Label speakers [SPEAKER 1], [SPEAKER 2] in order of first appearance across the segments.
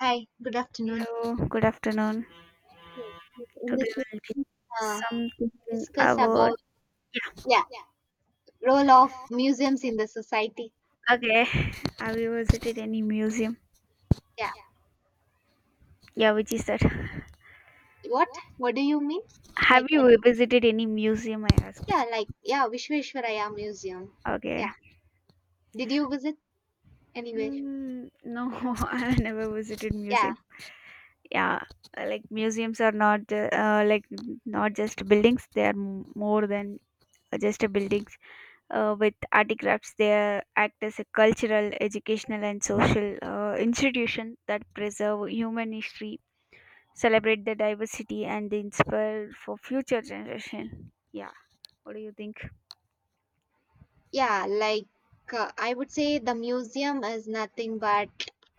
[SPEAKER 1] Hi, good afternoon.
[SPEAKER 2] Hello, good afternoon.
[SPEAKER 1] Yes, in this,
[SPEAKER 2] Today we'll be
[SPEAKER 1] uh,
[SPEAKER 2] something
[SPEAKER 1] discuss
[SPEAKER 2] about
[SPEAKER 1] about, yeah, role of museums in the society.
[SPEAKER 2] okay. Have you visited any museum?
[SPEAKER 1] Yeah,
[SPEAKER 2] Yeah, which is that?
[SPEAKER 1] what what do you mean?
[SPEAKER 2] Have
[SPEAKER 1] Like I
[SPEAKER 2] you
[SPEAKER 1] did-
[SPEAKER 2] visited any museum? I
[SPEAKER 1] yeah,
[SPEAKER 2] asked.
[SPEAKER 1] like, yeah, Vishveshwaraya Museum.
[SPEAKER 2] Okay.
[SPEAKER 1] Yeah, did you visit anywhere?
[SPEAKER 2] Mm, no, I never visited
[SPEAKER 1] Yeah.
[SPEAKER 2] museum. Yeah, like museums are not ju- like not just buildings. They are more than just a buildings. With artifacts, they act as a cultural, educational, and social institution that preserve human history, celebrate the diversity and inspire for future generation, yeah. What do you think?
[SPEAKER 1] Yeah, like, I would say the museum is nothing but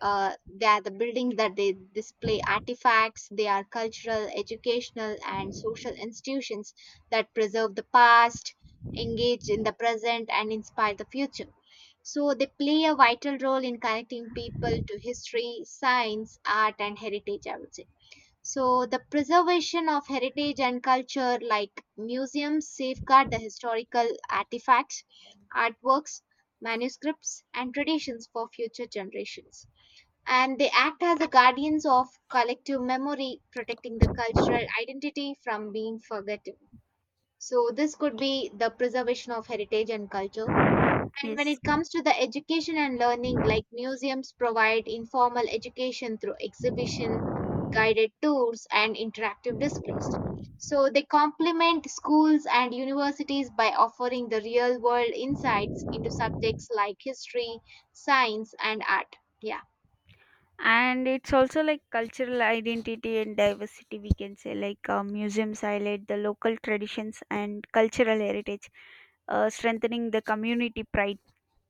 [SPEAKER 1] they are the buildings that they display artifacts. They are cultural, educational, and social institutions that preserve the past, engage in the present, and inspire the future. So they play a vital role in connecting people to history, science, art, and heritage, I would say. So, the preservation of heritage and culture, like, museums safeguard the historical artifacts, artworks, manuscripts, and traditions for future generations. And they act as the guardians of collective memory, protecting the cultural identity from being forgotten. So, this could be the preservation of heritage and culture. And when
[SPEAKER 2] Yes,
[SPEAKER 1] it comes to the education and learning, like, museums provide informal education through exhibition, guided tours, and interactive displays. So they complement schools and universities by offering the real world insights into subjects like history, science, and art. Yeah.
[SPEAKER 2] and it's also like cultural identity and diversity, we can say. Like museums highlight the local traditions and cultural heritage, strengthening the community pride.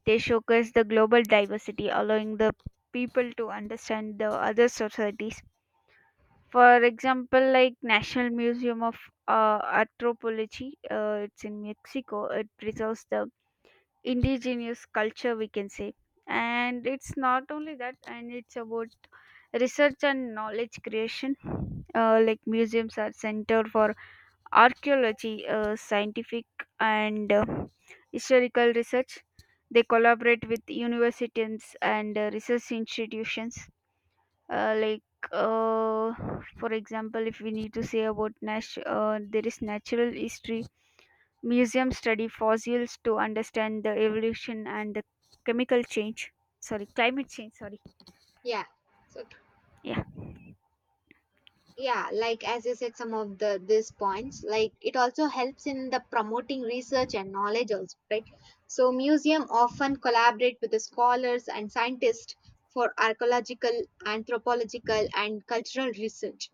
[SPEAKER 2] They showcase the global diversity, allowing the people to understand the other societies. For example, like National Museum of Anthropology, it's in Mexico. It preserves the indigenous culture, we can say. And it's not only that, and it's about research and knowledge creation. Like museums are center for archaeology, scientific and historical research. They collaborate with universities and research institutions. uh, like uh, for example, if we need to say about there is natural history Museums study fossils to understand the evolution and the chemical change. Climate change. Sorry.
[SPEAKER 1] Yeah. So,
[SPEAKER 2] Yeah.
[SPEAKER 1] yeah, like as you said some of the these points, like, it also helps in the promoting research and knowledge also, right? So museum often collaborate with the scholars and scientists for archaeological, anthropological, and cultural research.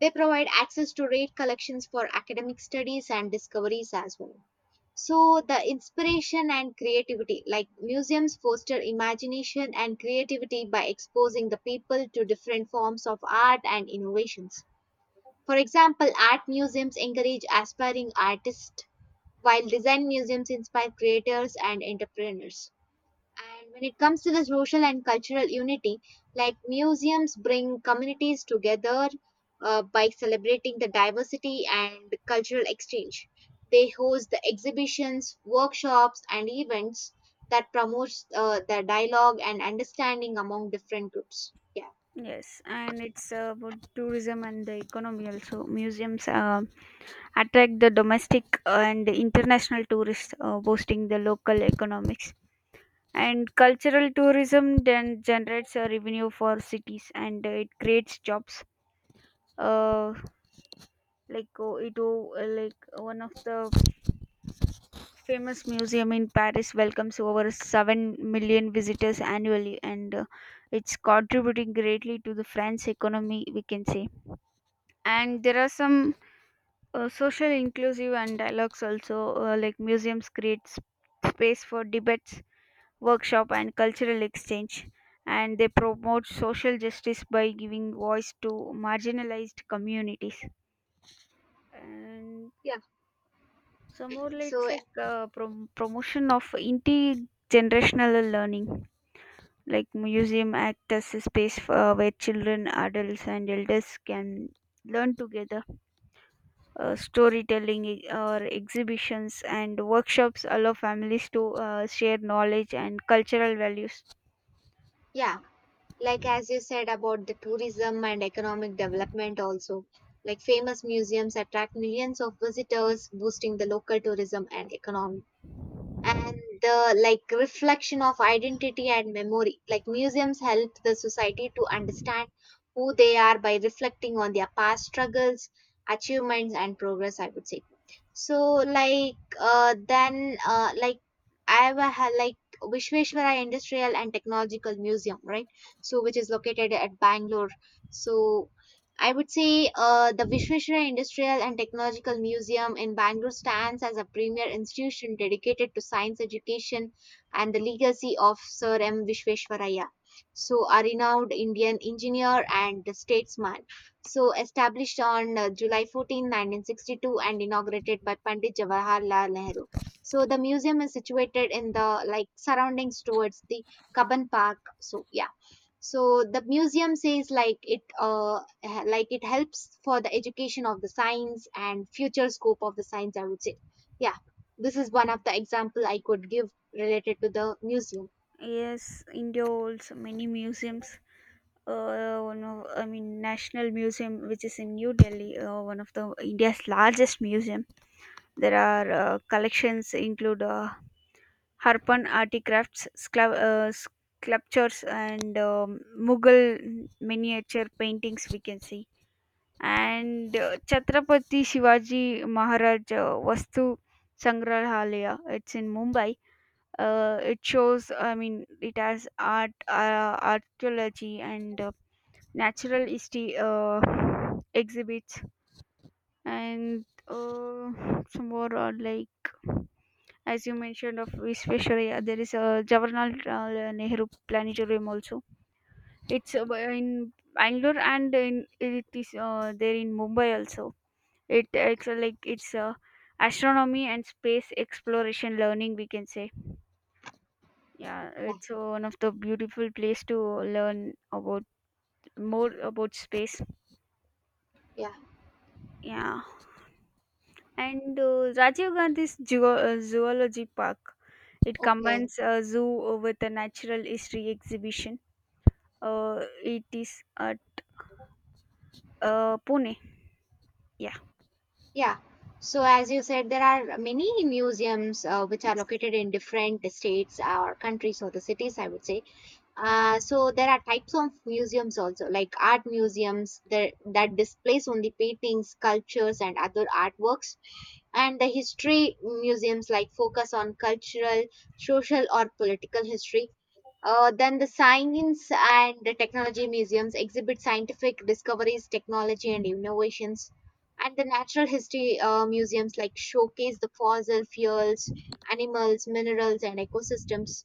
[SPEAKER 1] They provide access to rare collections for academic studies and discoveries as well. So the inspiration and creativity, like, museums foster imagination and creativity by exposing the people to different forms of art and innovations. For example, art museums encourage aspiring artists, while design museums inspire creators and entrepreneurs. And when it comes to the social and cultural unity, like, museums bring communities together by celebrating the diversity and cultural exchange. They host the exhibitions, workshops, and events that promotes the dialogue and understanding among different groups. Yeah.
[SPEAKER 2] Yes, and it's about tourism and the economy also. Museums attract the domestic and international tourists, boosting the local economics. And cultural tourism then generates a revenue for cities, and it creates jobs. Uh, like one of the famous museum in Paris welcomes over 7 million visitors annually, and it's contributing greatly to the French economy, we can say. And there are some social inclusive and dialogues also. Like museums create space for debates, workshop, and cultural exchange. And they promote social justice by giving voice to marginalized communities. And
[SPEAKER 1] Yeah.
[SPEAKER 2] so more like it's
[SPEAKER 1] So,
[SPEAKER 2] like promotion of intergenerational learning. Like museum act as a space for, where children, adults, and elders can learn together. Storytelling or exhibitions and workshops allow families to share knowledge and cultural values.
[SPEAKER 1] yeah, like as you said about the tourism and economic development also, like, famous museums attract millions of visitors, boosting the local tourism and economy. And the, like, reflection of identity and memory, like, museums help the society to understand who they are by reflecting on their past struggles, achievements, and progress, I would say. So, like, then like, I have a, ha- like, Vishveshwara Industrial and Technological Museum, right? So, which is located at Bangalore. So, I would say the Vishveshwara Industrial and Technological Museum in Bangalore stands as a premier institution dedicated to science education and the legacy of Sir M. Vishveshwaraya. So, a renowned Indian engineer and statesman. So, established on July 14, 1962, and inaugurated by Pandit Jawaharlal Nehru. So, the museum is situated in the, like, surroundings towards the Kaban Park. So, yeah, so the museum says, like, like, it helps for the education of the science and future scope of the science, I would say. Yeah. This is one of the example I could give related to the museum.
[SPEAKER 2] Yes, India holds many museums. One of, I mean, National Museum, which is in New Delhi, one of the India's largest museum. There are collections include Harpan artifacts, sculptures, and Mughal miniature paintings, we can see. And Chhatrapati Shivaji Maharaj Vastu Sangrahalaya. It's in Mumbai. It shows, I mean, it has art, archaeology, and natural history exhibits, and some more are like, as you mentioned, of Visvesvaraya, there is a Jawaharlal Nehru Planetarium also. It's in Bangalore, and it is there in Mumbai also. It it's like it's astronomy and space exploration learning, we can say. Yeah,
[SPEAKER 1] Yeah.
[SPEAKER 2] it's one of the beautiful place to learn about more about space.
[SPEAKER 1] Yeah.
[SPEAKER 2] Yeah, and Rajiv Gandhi's zoology park. It
[SPEAKER 1] Okay.
[SPEAKER 2] combines a zoo with a natural history exhibition. It is at Pune. Yeah.
[SPEAKER 1] Yeah, so as you said there are many museums which are
[SPEAKER 2] Yes.
[SPEAKER 1] located in different states or countries or the cities, I would say. So there are types of museums also, like, art museums that displays only paintings, sculptures, and other artworks. And the history museums, like, focus on cultural, social, or political history. Then the science and the technology museums exhibit scientific discoveries, technology, and innovations. And the natural history museums, like, showcase the fossil fuels, animals, minerals, and ecosystems.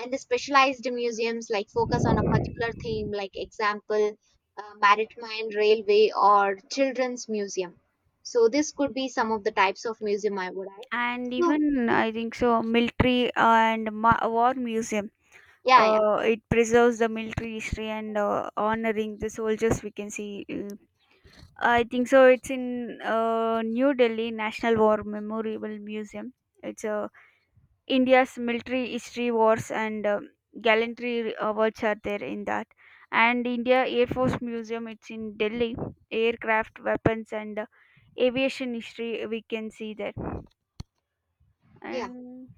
[SPEAKER 1] And the specialized museums, like, focus on a particular theme, like, example, maritime, railway, or children's museum. So this could be some of the types of museum I would add.
[SPEAKER 2] And
[SPEAKER 1] So,
[SPEAKER 2] even I think so, military and war museum.
[SPEAKER 1] yeah. Yeah.
[SPEAKER 2] It preserves the military history and honoring the soldiers, we can see. I think so. It's in New Delhi National War Memorial Museum. It's a India's military history wars and gallantry awards are there in that. And India Air Force Museum, it's in Delhi. Aircraft, weapons, and aviation history, we can see there.
[SPEAKER 1] Yeah.
[SPEAKER 2] And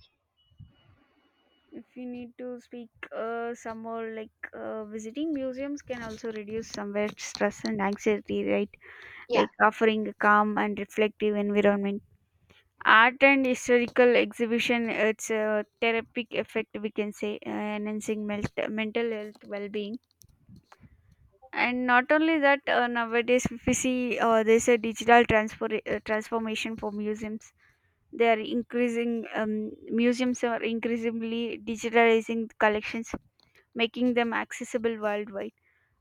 [SPEAKER 2] if you need to speak some more, like visiting museums can also reduce somewhere stress and anxiety, right?
[SPEAKER 1] Yeah.
[SPEAKER 2] Like offering a calm and reflective environment. Art and historical exhibition, it's a therapeutic effect, we can say, enhancing mental health well-being. And not only that, nowadays, if we see, there's a digital transfer transformation for museums. They are increasing Museums are increasingly digitalizing collections, making them accessible worldwide,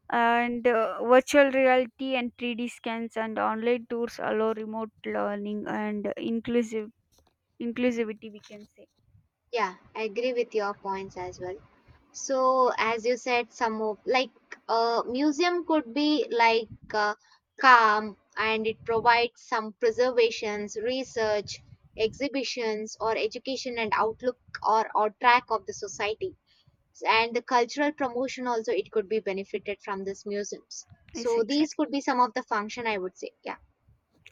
[SPEAKER 2] and virtual reality and 3D scans and online tours allow remote learning and inclusive inclusivity, we can say.
[SPEAKER 1] Yeah, I agree with your points as well. So, as you said, some of, like, museum could be like, calm, and it provides some preservations, research, exhibitions, or education and outlook, or track of the society. And the cultural promotion also, it could be benefited from these museums.
[SPEAKER 2] Yes,
[SPEAKER 1] So these
[SPEAKER 2] exactly.
[SPEAKER 1] could be some of the function I would say. Yeah.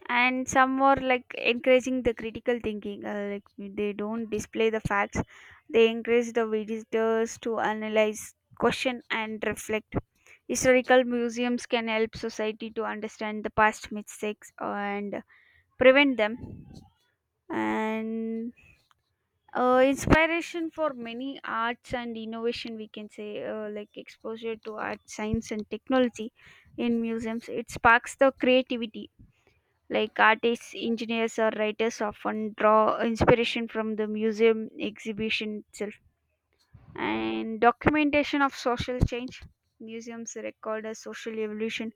[SPEAKER 2] And some more like encouraging the critical thinking. Like they don't display the facts. They encourage the visitors to analyze, question, and reflect. Historical museums can help society to understand the past mistakes and prevent them. And inspiration for many arts and innovation, we can say. Like exposure to art, science, and technology in museums, it sparks the creativity. Like artists, engineers, or writers often draw inspiration from the museum exhibition itself. And documentation of social change. Museums record a social evolution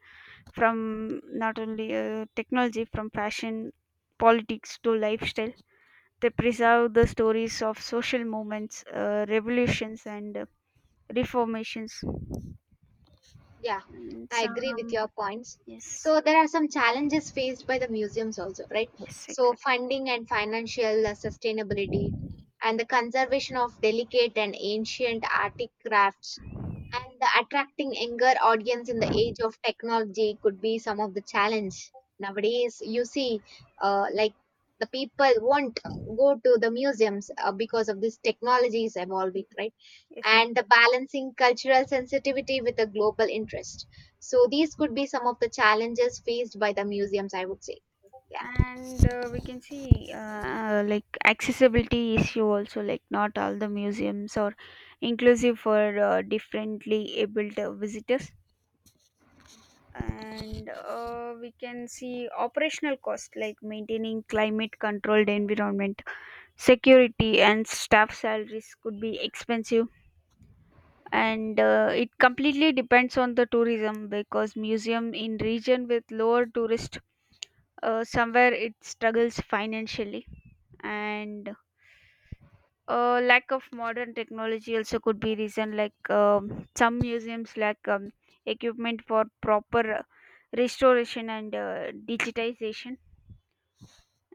[SPEAKER 2] from not only technology, from fashion, politics to lifestyle. They preserve the stories of social movements, revolutions, and reformations.
[SPEAKER 1] Yeah,
[SPEAKER 2] And
[SPEAKER 1] I agree with
[SPEAKER 2] some,
[SPEAKER 1] your points.
[SPEAKER 2] yes,
[SPEAKER 1] So there are some challenges faced by the museums also, right?
[SPEAKER 2] yes,
[SPEAKER 1] So
[SPEAKER 2] exactly.
[SPEAKER 1] funding and financial sustainability, and the conservation of delicate and ancient artic crafts, and the attracting younger audience in the age of technology could be some of the challenge. Nowadays, you see, like, the people won't go to the museums because of this technology is evolving, right?
[SPEAKER 2] Yes,
[SPEAKER 1] And the balancing cultural sensitivity with a global interest. So these could be some of the challenges faced by the museums, I would say. Yeah.
[SPEAKER 2] and we can see like accessibility issue also, like not all the museums are inclusive for differently abled visitors. And we can see operational cost, like maintaining climate controlled environment, security and staff salaries could be expensive. And it completely depends on the tourism, because museum in region with lower tourist, somewhere it struggles financially. And lack of modern technology also could be reason. Like some museums lack equipment for proper restoration and digitization.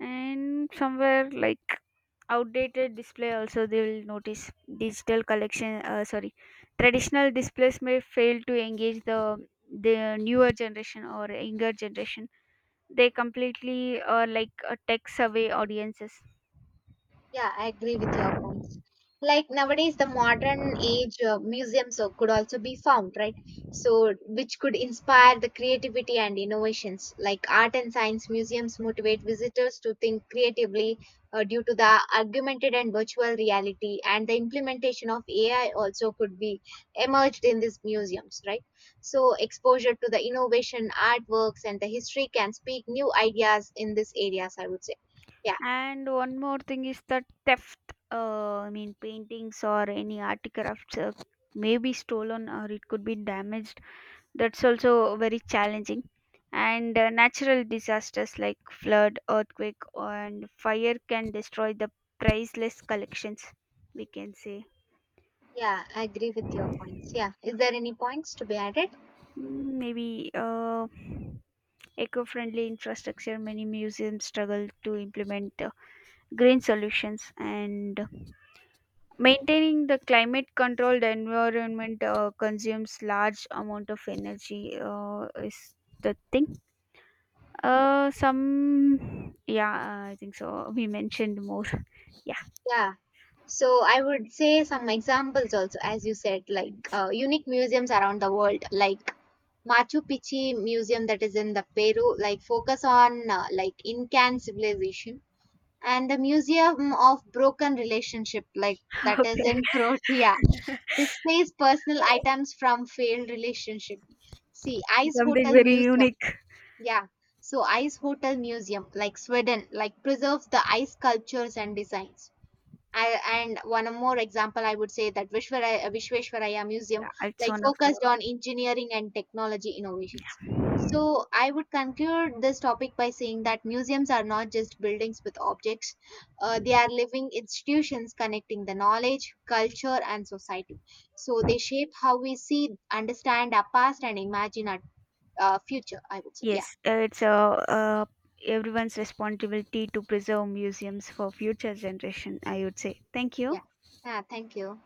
[SPEAKER 2] And somewhere, like outdated display also they will notice, digital collection sorry traditional displays may fail to engage the newer generation or younger generation. They completely are like a tech savvy audiences.
[SPEAKER 1] Yeah, I agree with your points. Like nowadays, the modern age museums could also be found, right? So, which could inspire the creativity and innovations. Like, art and science museums motivate visitors to think creatively due to the augmented and virtual reality, and the implementation of AI also could be emerged in these museums, right? So, exposure to the innovation, artworks, and the history can speak new ideas in these areas, I would say. Yeah.
[SPEAKER 2] And one more thing is that theft, I mean, paintings or any artifacts may be stolen or it could be damaged. That's also very challenging. And natural disasters like flood, earthquake, and fire can destroy the priceless collections, we can say.
[SPEAKER 1] Yeah, I agree with your points. Yeah. Is there any points to be added?
[SPEAKER 2] Mm, maybe eco friendly infrastructure, many museums struggle to implement green solutions. And maintaining the climate controlled environment consumes large amount of energy is the thing. Some, yeah, I think so, we mentioned more. Yeah.
[SPEAKER 1] Yeah. So I would say some examples also, as you said, like, unique museums around the world, like Machu Picchu Museum that is in the Peru, like, focus on, like, Incan civilization, and the Museum of Broken Relationship, like, that is
[SPEAKER 2] Okay.
[SPEAKER 1] in Croatia, displays personal items from failed relationship. See, Ice
[SPEAKER 2] Something
[SPEAKER 1] Hotel
[SPEAKER 2] very
[SPEAKER 1] Museum.
[SPEAKER 2] unique.
[SPEAKER 1] Yeah. So Ice Hotel Museum, like, Sweden, like, preserves the ice sculptures and designs. I, and one more example, I would say, that Vishwaraya, Vishveshwaraya
[SPEAKER 2] Yeah,
[SPEAKER 1] Museum,
[SPEAKER 2] it's
[SPEAKER 1] like,
[SPEAKER 2] one of
[SPEAKER 1] focused
[SPEAKER 2] the.
[SPEAKER 1] on engineering and technology innovations. So I would conclude this topic by saying that museums are not just buildings with objects; they are living institutions connecting the knowledge, culture, and society. So they shape how we see, understand our past, and imagine our future, I would say. Yeah.
[SPEAKER 2] Yes, it's a, everyone's responsibility to preserve museums for future generation, I would say. Thank you.
[SPEAKER 1] Yeah. Yeah. Thank you.